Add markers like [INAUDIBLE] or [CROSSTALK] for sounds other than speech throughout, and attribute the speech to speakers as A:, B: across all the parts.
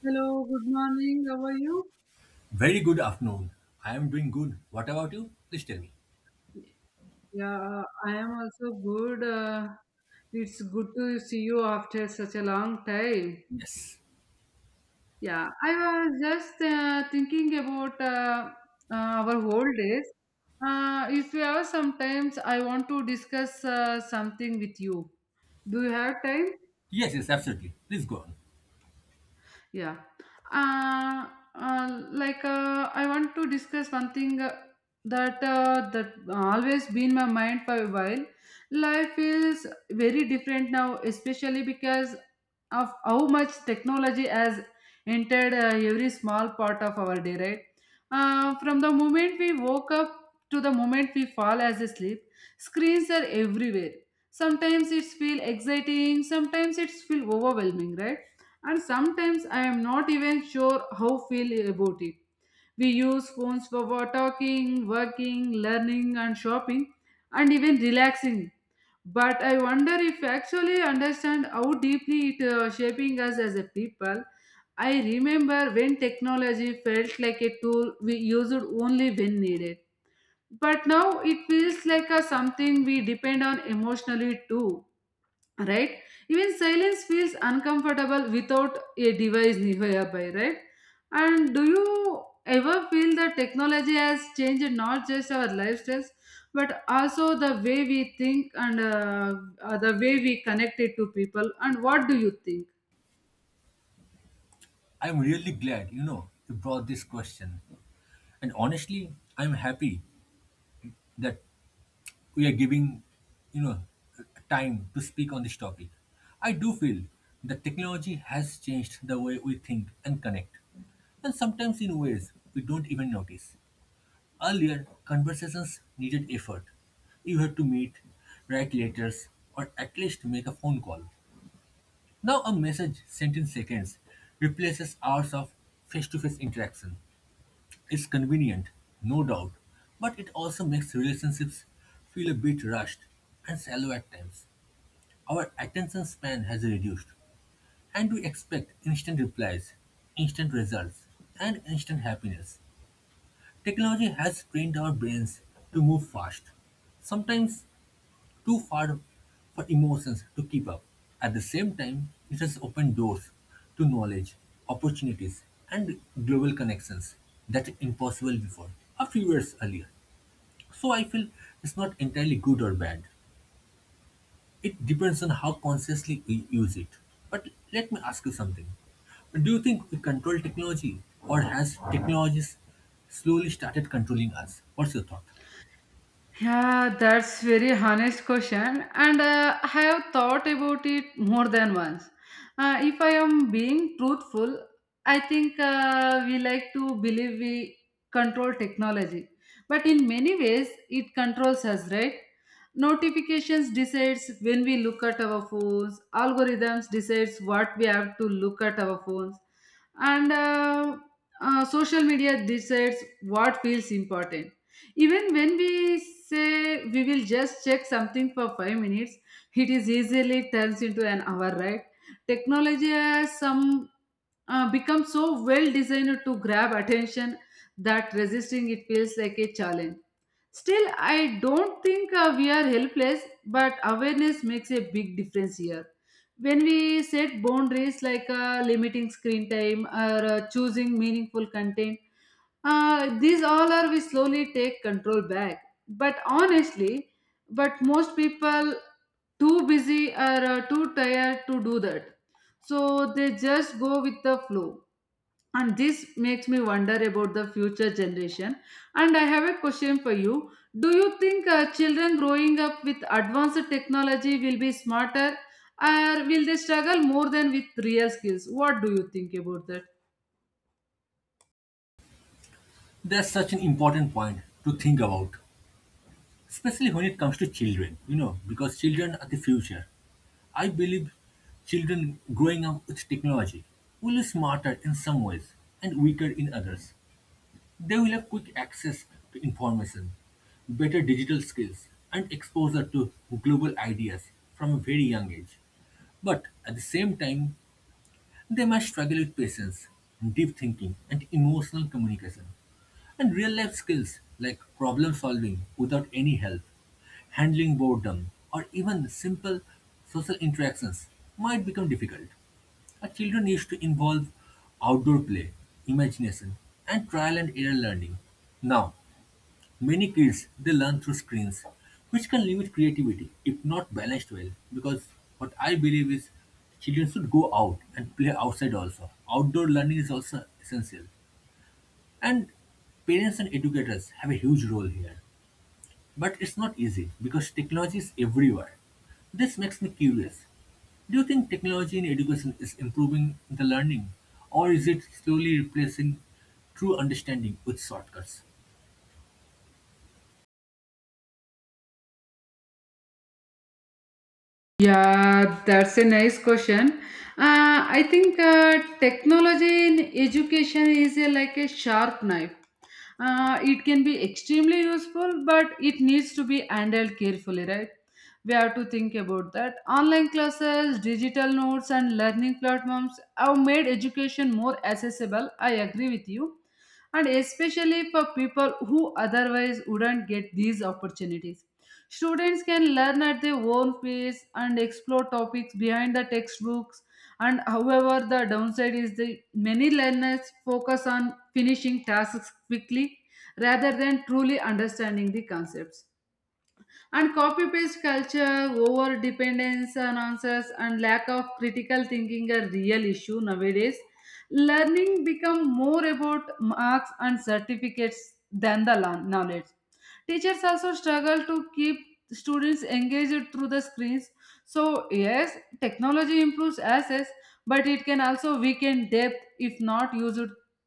A: Hello, good morning. How are you?
B: Very good afternoon. I am doing good. What about you? Please tell me.
A: Yeah, I am also good. It's good to see you after such a long time.
B: Yes.
A: Yeah, I was just thinking about our old days. If you have some times, I want to discuss something with you. Do you have time?
B: Yes, yes, absolutely. Please go on.
A: Yeah. Uh, I want to discuss one thing that always been my mind for a while. Life feels very different now, especially because of how much technology has entered every small part of our day. Right. From the moment we woke up to the moment we fall as asleep, screens are everywhere. Sometimes it's feel exciting, sometimes it's feel overwhelming, right? And sometimes I am not even sure how feel about it. We use phones for talking, working, learning, and shopping, and even relaxing. But I wonder if we actually understand how deeply it shaping us as a people. I remember when technology felt like a tool we used only when needed. But now it feels like a something we depend on emotionally too, right? Even silence feels uncomfortable without a device nearby, right? And do you ever feel that technology has changed not just our lifestyles but also the way we think and the way we connect it to people? And what do you think?
B: I'm really glad, you know, you brought this question. And honestly, I'm happy that we are giving, you know, time to speak on this topic. I do feel that technology has changed the way we think and connect, and sometimes in ways we don't even notice. Earlier, conversations needed effort. You had to meet, write letters, or at least make a phone call. Now, a message sent in seconds replaces hours of face to face interaction. It's convenient, no doubt, but it also makes relationships feel a bit rushed and shallow at times. Our attention span has reduced, and we expect instant replies, instant results, and instant happiness. Technology has trained our brains to move fast, sometimes too far for emotions to keep up. At the same time, it has opened doors to knowledge, opportunities, and global connections that were impossible before, a few years earlier. So I feel it's not entirely good or bad. It depends on how consciously we use it. But let me ask you something. Do you think we control technology, or has technologies slowly started controlling us? What's your thought?
A: Yeah, that's very honest question, and I have thought about it more than once. If I am being truthful, I think we like to believe we control technology, but in many ways it controls us, right? Notifications decides when we look at our phones. Algorithms decides what we have to look at our phones, and social media decides what feels important. Even when we say we will just check something for 5 minutes, it is easily turns into an hour, right? Technology has some become so well designed to grab attention that resisting it feels like a challenge. Still, I don't think we are helpless, but awareness makes a big difference here. When we set boundaries like limiting screen time or choosing meaningful content, these all are we slowly take control back. But honestly, but most people too busy or too tired to do that. So they just go with the flow. And this makes me wonder about the future generation. And I have a question for you. Do you think children growing up with advanced technology will be smarter or will they struggle more than with real skills? What do you think about that?
B: That's such an important point to think about, especially when it comes to children, you know, because children are the future. I believe children growing up with technology will be smarter in some ways and weaker in others. They will have quick access to information, better digital skills, and exposure to global ideas from a very young age. But at the same time, they might struggle with patience, deep thinking, and emotional communication, and real life skills like problem solving without any help, handling boredom, or even simple social interactions might become difficult. A children needs to involve outdoor play, imagination, and trial and error learning now. Many kids they learn through screens, which can limit creativity if not balanced well. Because what I believe is children should go out and play outside also. Outdoor learning is also essential. And parents and educators have a huge role here. But it's not easy because technology is everywhere. This makes me curious. Do you think technology in education is improving the learning or is it slowly replacing true understanding with shortcuts?
A: Yeah, that's a nice question. I think technology in education is a, like a sharp knife. It can be extremely useful, but it needs to be handled carefully, right? We have to think about that. Online classes, digital notes, and learning platforms have made education more accessible. I agree with you. And especially for people who otherwise wouldn't get these opportunities. Students can learn at their own pace and explore topics behind the textbooks. And however, the downside is the many learners focus on finishing tasks quickly rather than truly understanding the concepts. And copy paste culture, over dependence on answers, and lack of critical thinking are real issue nowadays. Learning become more about marks and certificates than the knowledge. Teachers also struggle to keep students engaged through the screens. So, yes, technology improves access, but it can also weaken depth if not used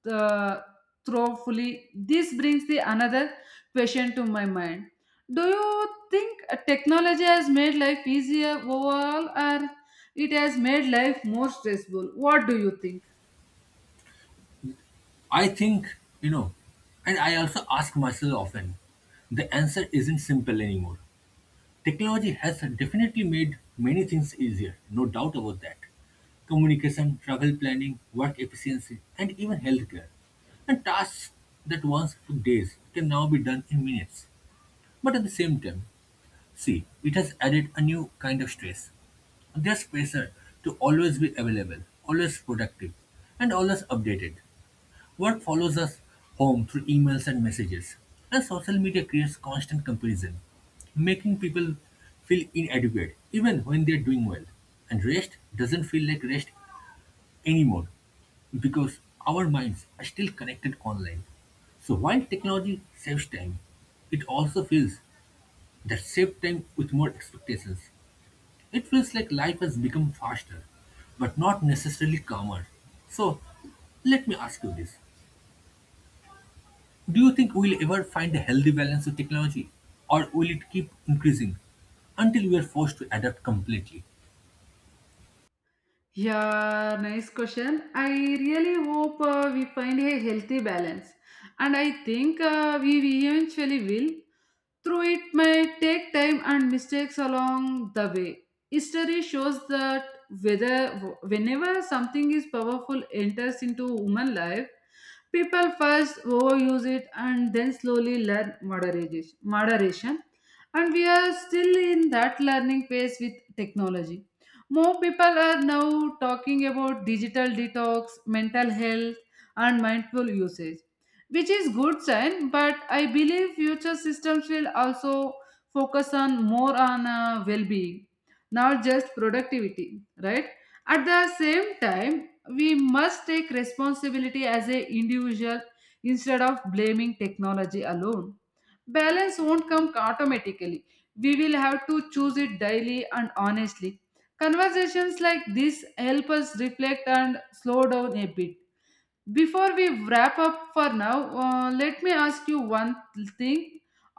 A: uh, thoroughly. This brings the another question to my mind. Do you think technology has made life easier overall, or it has made life more stressful? What do you think?
B: I think, you know, and I also ask myself often, the answer isn't simple anymore. Technology has definitely made many things easier, no doubt about that. Communication, travel planning, work efficiency, and even healthcare. And tasks that once took days can now be done in minutes. But at the same time, see, it has added a new kind of stress. There's pressure to always be available, always productive, and always updated. What follows us home through emails and messages. And social media creates constant comparison, making people feel inadequate even when they're doing well. And rest doesn't feel like rest anymore because our minds are still connected online. So while technology saves time, it also feels that saved time with more expectations. It feels like life has become faster, but not necessarily calmer. So let me ask you this. Do you think we'll ever find a healthy balance with technology? Or will it keep increasing until we are forced to adapt completely?
A: Yeah, nice question. I really hope we find a healthy balance, and I think we eventually will. Through it may take time and mistakes along the way. History shows that whether whenever something is powerful enters into human life, people first overuse it and then slowly learn moderation. And we are still in that learning phase with technology. More people are now talking about digital detox, mental health, and mindful usage, which is good sign. But I believe future systems will also focus on more on well-being, not just productivity, right? At the same time, we must take responsibility as a individual instead of blaming technology alone. Balance won't come automatically. We will have to choose it daily, and honestly, conversations like this help us reflect and slow down a bit. Before we wrap up for now, let me ask you one thing.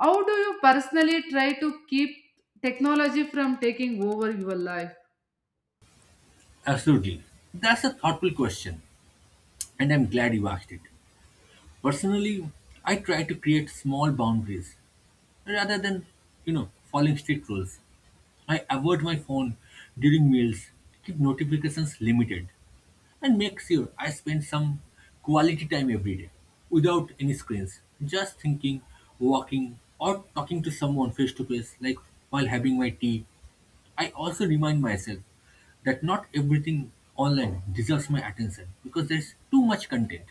A: How do you personally try to keep technology from taking over your life?
B: Absolutely. That's a thoughtful question, and I'm glad you asked it. Personally, I try to create small boundaries rather than, you know, following strict rules. I avoid my phone during meals, keep notifications limited, and make sure I spend some quality time every day without any screens. Just thinking, walking, or talking to someone face to face, like while having my tea. I also remind myself that not everything online deserves my attention because there's too much content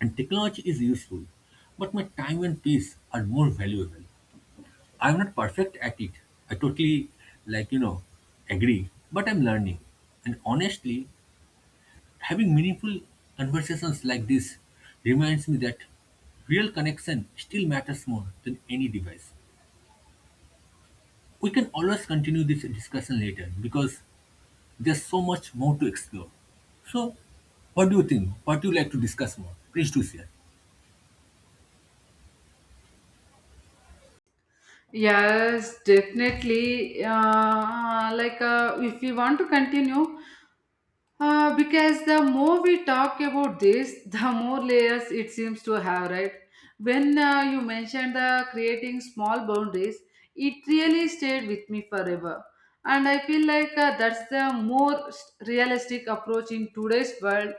B: and technology is useful, but my time and peace are more valuable. I'm not perfect at it. I totally, like, you know, agree, but I'm learning. And honestly, having meaningful conversations like this reminds me that real connection still matters more than any device. We can always continue this discussion later because there's so much more to explore. So, what do you think? What do you like to discuss more? Please do share.
A: Yes, definitely. If we want to continue, because the more we talk about this, [LAUGHS] the more layers it seems to have, right? When you mentioned the creating small boundaries, it really stayed with me forever. And I feel like that's the more realistic approach in today's world.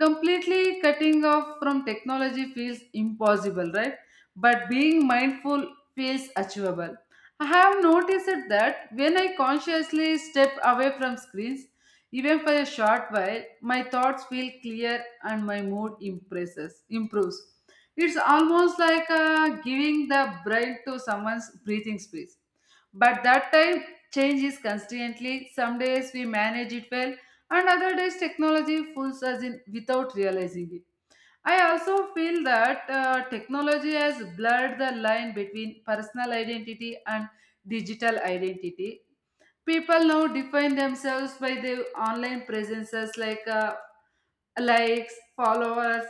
A: Completely cutting off from technology feels impossible, right? But being mindful feels achievable. I have noticed that when I consciously step away from screens, even for a short while, my thoughts feel clear and my mood improves. It's almost like giving the brain to someone's breathing space. But that time, change is constantly. Some days we manage it well, and other days technology fools us in without realizing it. I also feel that technology has blurred the line between personal identity and digital identity. People now define themselves by their online presences like likes, followers,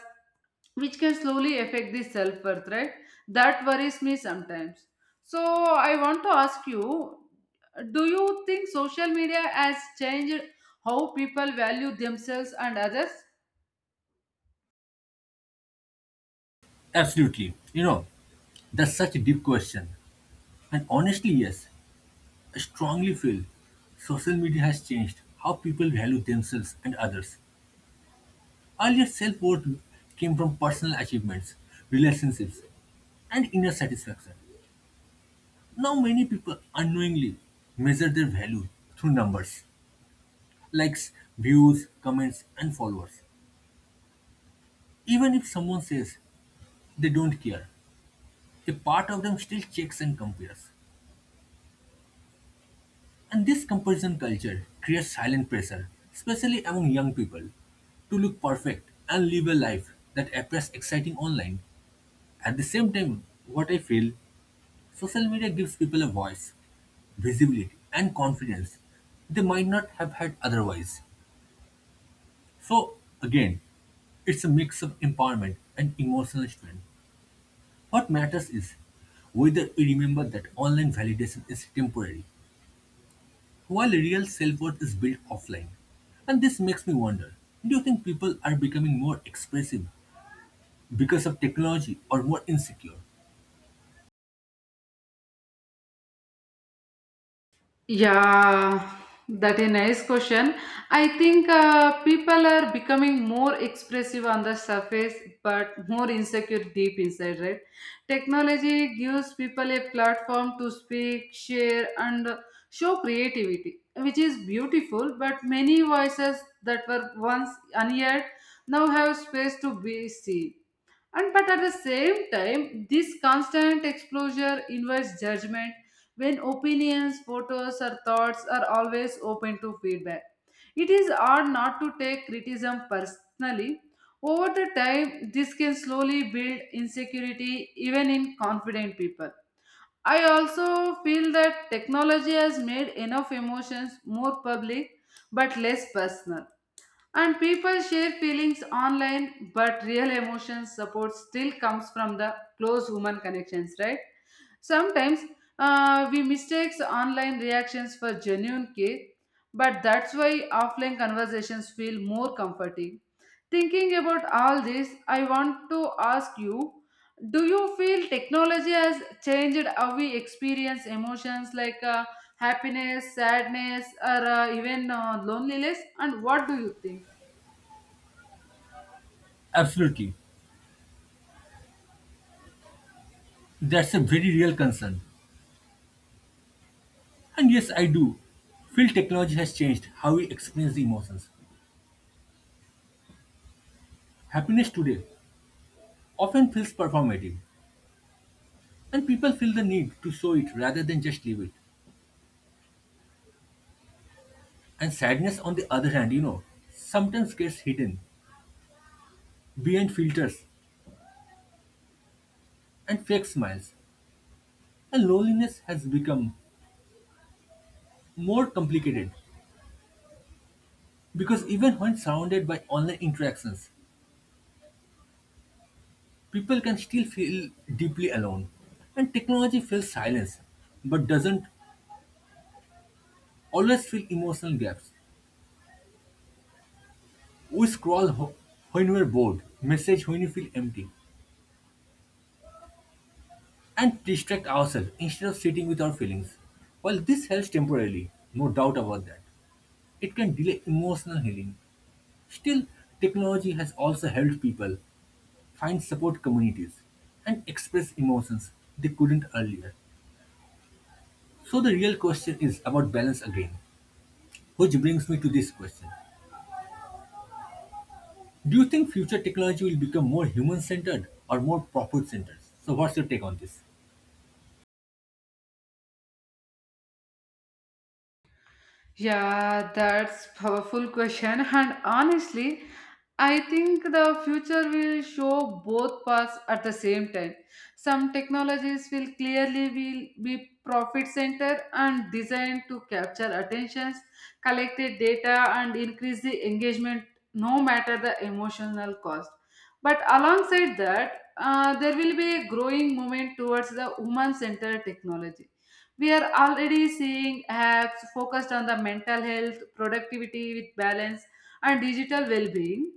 A: which can slowly affect the self worth, right? That worries me sometimes. So, I want to ask you, do you think social media has changed how people value themselves and others?
B: Absolutely. You know, that's such a deep question. And honestly, yes, I strongly feel social media has changed how people value themselves and others. Earlier, self worth came from personal achievements, relationships, and inner satisfaction. Now, many people unknowingly measure their value through numbers, likes, views, comments, and followers. Even if someone says they don't care, a part of them still checks and compares. And this comparison culture creates silent pressure, especially among young people, to look perfect and live a life that appears exciting online. At the same time, what I feel, social media gives people a voice, visibility, and confidence they might not have had otherwise. So, again, it's a mix of empowerment and emotional strength. What matters is whether we remember that online validation is temporary, while real self worth is built offline. And this makes me wonder, do you think people are becoming more expressive because of technology or more insecure?
A: Yeah, that a nice question. I think people are becoming more expressive on the surface, but more insecure deep inside, right? Technology gives people a platform to speak, share, and show creativity, which is beautiful. But many voices that were once unheard now have space to be seen. And but at the same time, this constant exposure invites judgment. When opinions, photos, or thoughts are always open to feedback, it is hard not to take criticism personally. Over the time, this can slowly build insecurity even in confident people. I also feel that technology has made enough emotions more public but less personal. And people share feelings online, but real emotion support still comes from the close human connections, right? Sometimes we mistakes online reactions for genuine care, but that's why offline conversations feel more comforting. Thinking about all this, I want to ask you, do you feel technology has changed how we experience emotions like happiness, sadness, or even loneliness? And what do you think?
B: Absolutely. That's a very real concern. And yes, I do feel technology has changed how we experience the emotions. Happiness today often feels performative, and people feel the need to show it rather than just live it. And sadness, on the other hand, you know, sometimes gets hidden behind filters and fake smiles. And loneliness has become more complicated because even when surrounded by online interactions, people can still feel deeply alone. And technology fills silence but doesn't always fill emotional gaps. We scroll ho- when we're bored, message when we feel empty, and distract ourselves instead of sitting with our feelings. While this helps temporarily, no doubt about that, it can delay emotional healing. Still, technology has also helped people find support communities, and express emotions they couldn't earlier. So the real question is about balance again, which brings me to this question. Do you think future technology will become more human centered or more profit centered? So, what's your take on this?
A: Yeah, that's powerful question. And honestly, I think the future will show both paths at the same time. Some technologies will clearly will be profit center and designed to capture attentions, collected data, and increase the engagement, no matter the emotional cost. But alongside that, there will be a growing movement towards the human-centered technology. We are already seeing apps focused on the mental health, productivity with balance, and digital well being.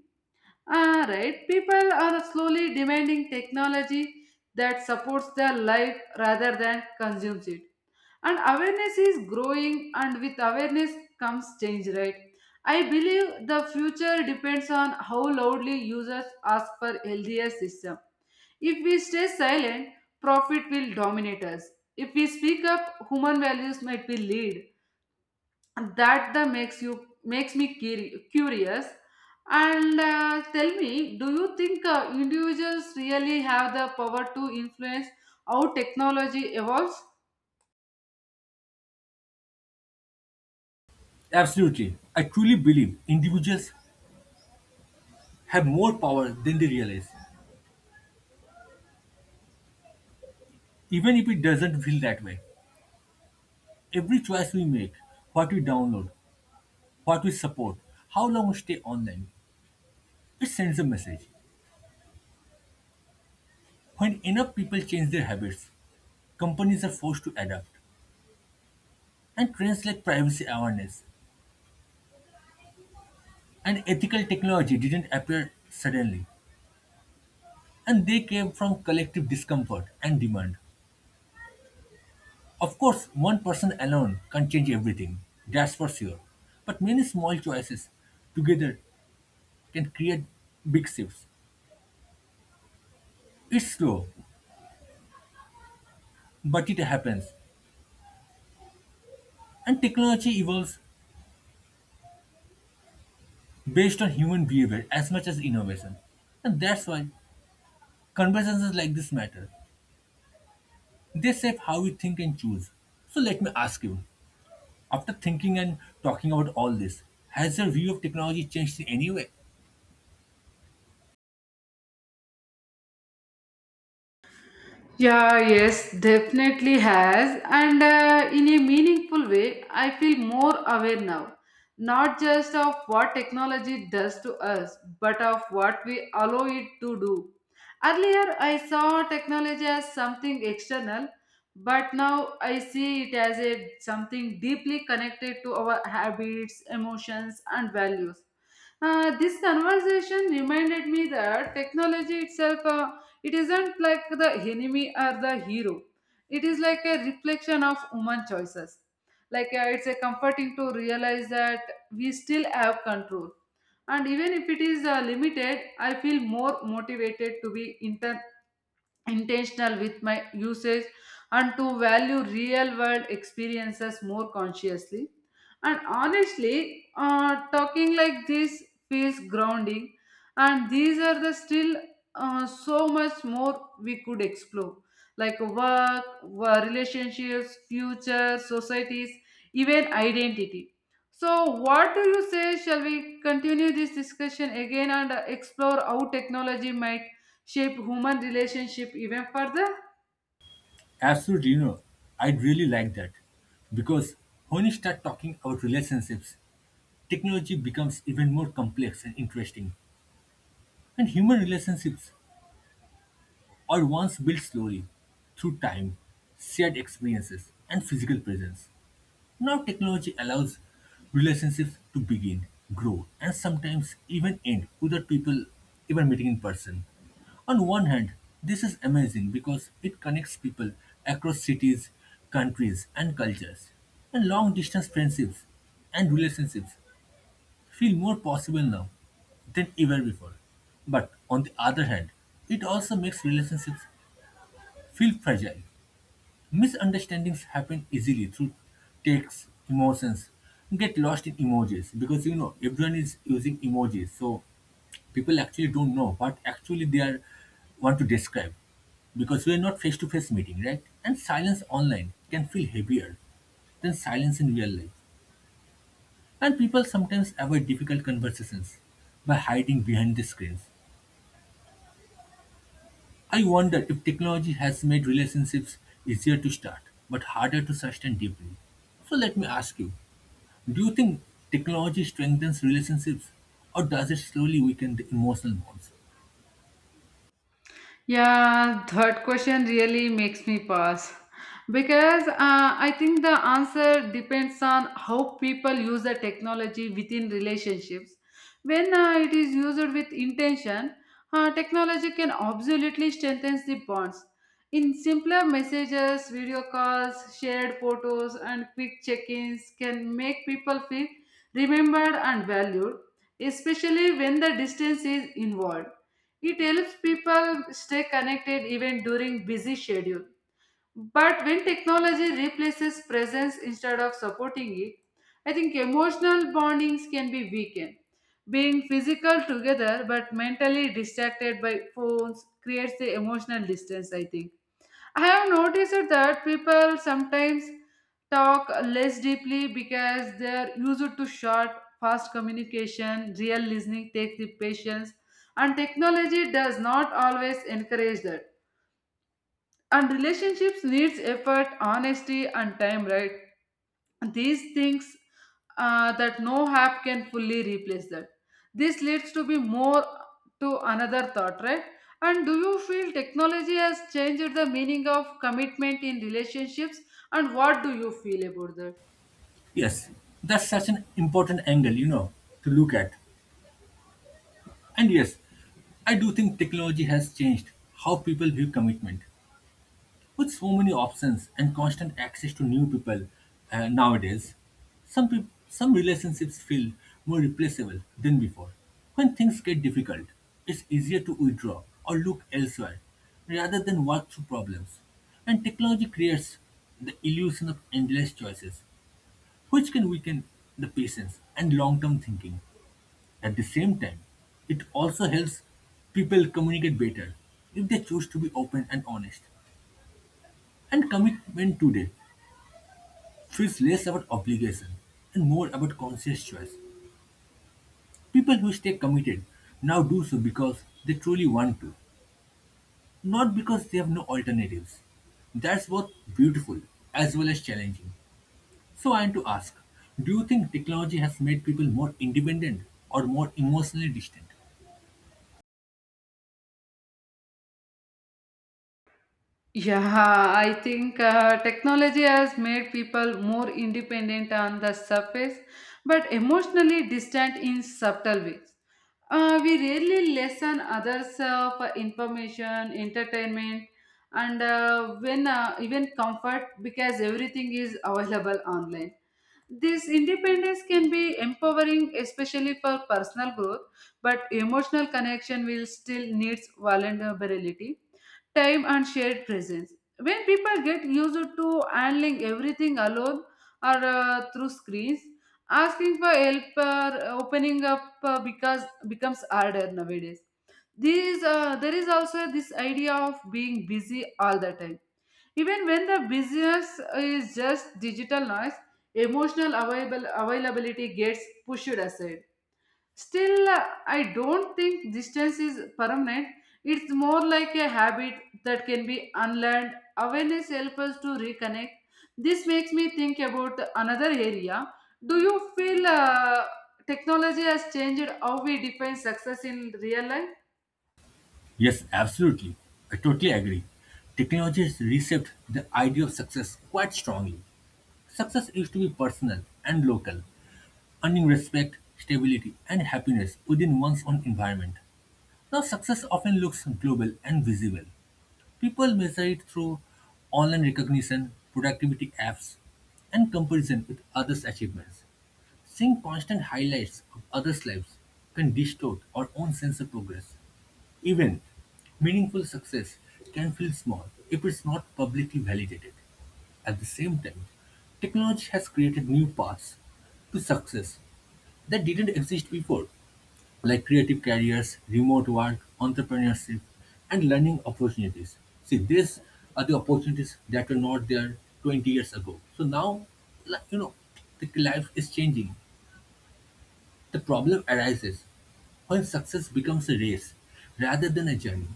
A: Ah, right. People are slowly demanding technology that supports their life rather than consumes it. And awareness is growing, and with awareness comes change, right? I believe the future depends on how loudly users ask for healthier system. If we stay silent, profit will dominate us. If we speak up, human values might be lead. And that the makes you makes me curious. And tell me, do you think individuals really have the power to influence how technology evolves?
B: Absolutely. I truly believe individuals have more power than they realize, even if it doesn't feel that way. Every choice we make, what we download, what we support, how long we stay online, it sends a message. When enough people change their habits, companies are forced to adapt, and trends like privacy awareness and ethical technology didn't appear suddenly, and they came from collective discomfort and demand. Of course, one person alone can't change everything, that's for sure, but many small choices together can create big shifts. It's slow, but it happens, and technology evolves based on human behavior as much as innovation. And that's why conversations like this matter. They shape how we think and choose. So let me ask you, after thinking and talking about all this, has your view of technology changed in any way?
A: Yeah, yes, definitely has. And in a meaningful way, I feel more aware now, not just of what technology does to us, but of what we allow it to do. Earlier, I saw technology as something external, but now I see it as a, something deeply connected to our habits, emotions, and values. This conversation reminded me that technology itself. It isn't like the enemy or the hero. It is like a reflection of human choices, like it's a comforting to realize that we still have control. And even if it is limited, I feel more motivated to be intentional with my usage and to value real world experiences more consciously. And honestly, talking like this feels grounding. And these are the still so much more we could explore, like work, relationships, future, societies, even identity. So, what do you say? Shall we continue this discussion again and explore how technology might shape human relationship even further?
B: Absolutely, you know, I'd really like that. Because when you start talking about relationships, technology becomes even more complex and interesting. And human relationships are once built slowly through time, shared experiences, and physical presence. Now technology allows relationships to begin, grow, and sometimes even end without people even meeting in person. On one hand, this is amazing because it connects people across cities, countries, and cultures. And long distance friendships and relationships feel more possible now than ever before. But on the other hand, it also makes relationships feel fragile. Misunderstandings happen easily through texts, emotions. Get lost in emojis because you know everyone is using emojis, so people actually don't know what actually they are want to describe because we are not face to face meeting, right? And silence online can feel heavier than silence in real life. And people sometimes avoid difficult conversations by hiding behind the screens. I wonder if technology has made relationships easier to start but harder to sustain deeply. So let me ask you, do you think technology strengthens relationships or does it slowly weaken the emotional bonds?
A: Yeah, third question really makes me pause because I think the answer depends on how people use the technology within relationships. When it is used with intention, technology can absolutely strengthen the bonds. In simpler messages, video calls, shared photos, and quick check ins can make people feel remembered and valued, especially when the distance is involved it helps people stay connected even during busy schedule. But when technology replaces presence instead of supporting it, I think emotional bondings can be weakened. Being physical together but mentally distracted by phones creates the emotional distance, I think. I have noticed that people sometimes talk less deeply because they're used to short, fast communication, real listening takes the patience, and technology does not always encourage that and relationships needs effort honesty and time right these things that no app can fully replace that this leads to be more to another thought right and do you feel technology has changed the meaning of commitment in relationships and what do you feel about that.
B: Yes, that's such an important angle, you know, to look at. And yes, I do think technology has changed how people view commitment. With so many options and constant access to new people nowadays, some relationships feel more replaceable than before. When things get difficult, it's easier to withdraw or look elsewhere rather than work through problems. And technology creates the illusion of endless choices, which can weaken the patience and long-term thinking. At the same time, it also helps people communicate better if they choose to be open and honest. And commitment today feels less about obligation and more about conscious choice. People who stay committed now do so because they truly want to, not because they have no alternatives. That's both beautiful as well as challenging. So I want to ask, do you think technology has made people more independent or more emotionally distant?
A: Yeah, I think technology has made people more independent on the surface, but emotionally distant in subtle ways. We rarely listen others for information, entertainment, and when even comfort because everything is available online. This independence can be empowering, especially for personal growth, but emotional connection will still needs vulnerability time and shared presence. When people get used to handling everything alone or through screens, asking for help or opening up because becomes harder nowadays. There is also this idea of being busy all the time. Even when the business is just digital noise, availability gets pushed aside. Still, I don't think distance is permanent. It's more like a habit that can be unlearned. Awareness helps us to reconnect. This makes me think about another area. Do you feel technology has changed how we define success in real life?
B: Yes, absolutely. I totally agree. Technology has reshaped the idea of success quite strongly. Success used to be personal and local, earning respect, stability, and happiness within one's own environment. Now, success often looks global and visible. People measure it through online recognition, productivity apps, and comparison with others' achievements. Seeing constant highlights of others' lives can distort our own sense of progress. Even meaningful success can feel small if it's not publicly validated. At the same time, technology has created new paths to success that didn't exist before, like creative careers, remote work, entrepreneurship, and learning opportunities. See, these are the opportunities that were not there 20 years ago. So now, like, you know, the life is changing. The problem arises when success becomes a race rather than a journey,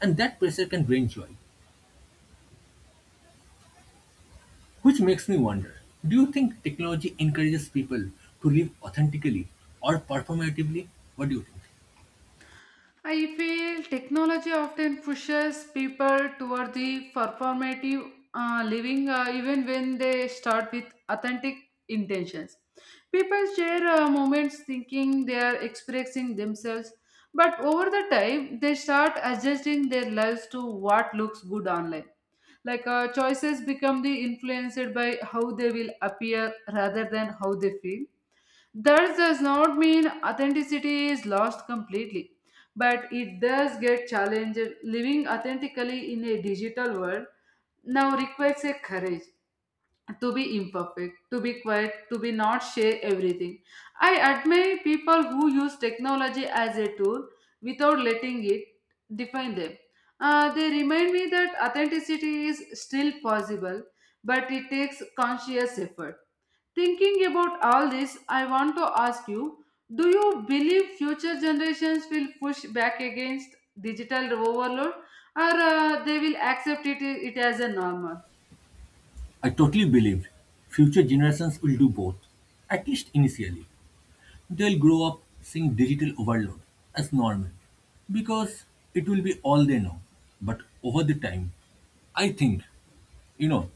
B: and that pressure can drain joy. Which makes me wonder, do you think technology encourages people to live authentically or performatively? What do you think?
A: I feel technology often pushes people toward the performative living even when they start with authentic intentions. People share moments thinking they are expressing themselves, but over the time they start adjusting their lives to what looks good online. Like choices become the influenced by how they will appear rather than how they feel that does not mean authenticity is lost completely, but it does get challenged. Living authentically in a digital world now requires a courage to be imperfect, to be quiet, to be not share everything. I admire people who use technology as a tool without letting it define them. They remind me that authenticity is still possible, but it takes conscious effort. Thinking about all this, I want to ask you do you believe future generations will push back against digital overload or they will accept it as a normal?
B: I totally believe future generations will do both, at least initially. They'll grow up seeing digital overload as normal because it will be all they know. But over the time, I think, you know,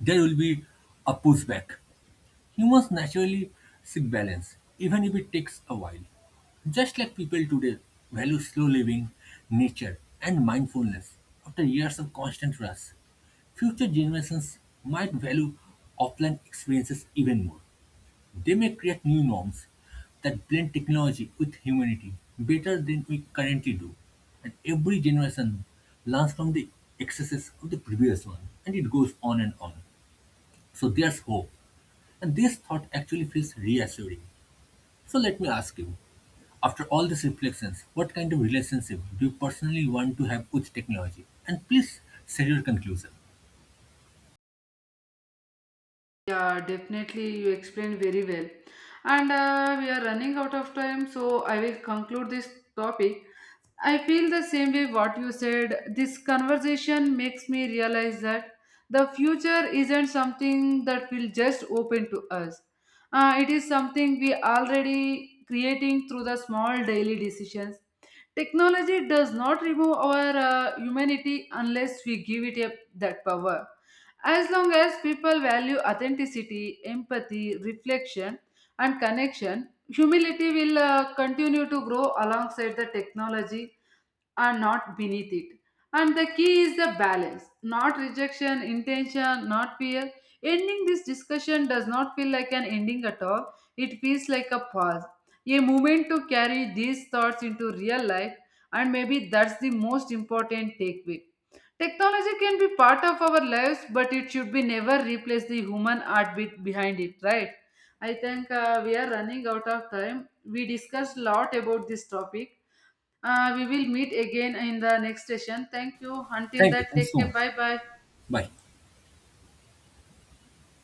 B: there will be a pushback. Humans naturally seek balance, even if it takes a while. Just like people today value slow living, nature, and mindfulness after years of constant rush, future generations might value offline experiences even more. They may create new norms that blend technology with humanity better than we currently do. And every generation learns from the excesses of the previous one, and it goes on and on. So there's hope. And this thought actually feels reassuring. So let me ask you, after all these reflections, what kind of relationship do you personally want to have with technology? And please share your conclusion.
A: Yeah, definitely, you explained very well. And we are running out of time, so I will conclude this topic. I feel the same way what you said. This conversation makes me realize that the future isn't something that will just open to us. It is something we already creating through the small daily decisions. Technology does not remove our humanity unless we give it a, that power. As long as people value authenticity, empathy, reflection, and connection, humility will continue to grow alongside the technology are not beneath it. And the key is the balance, not rejection, intention, not fear. Ending this discussion does not feel like an ending at all, it feels like a pause, a moment to carry these thoughts into real life, and maybe that's the most important takeaway. Technology can be part of our lives, but it should be never replace the human heartbeat behind it, right? I think we are running out of time. We discussed a lot about this topic we will meet again in the next session. Thank you. Until
B: Thank you.
A: that,
B: Thanks
A: take
B: so
A: care.
B: much.
A: Bye bye.
B: Bye.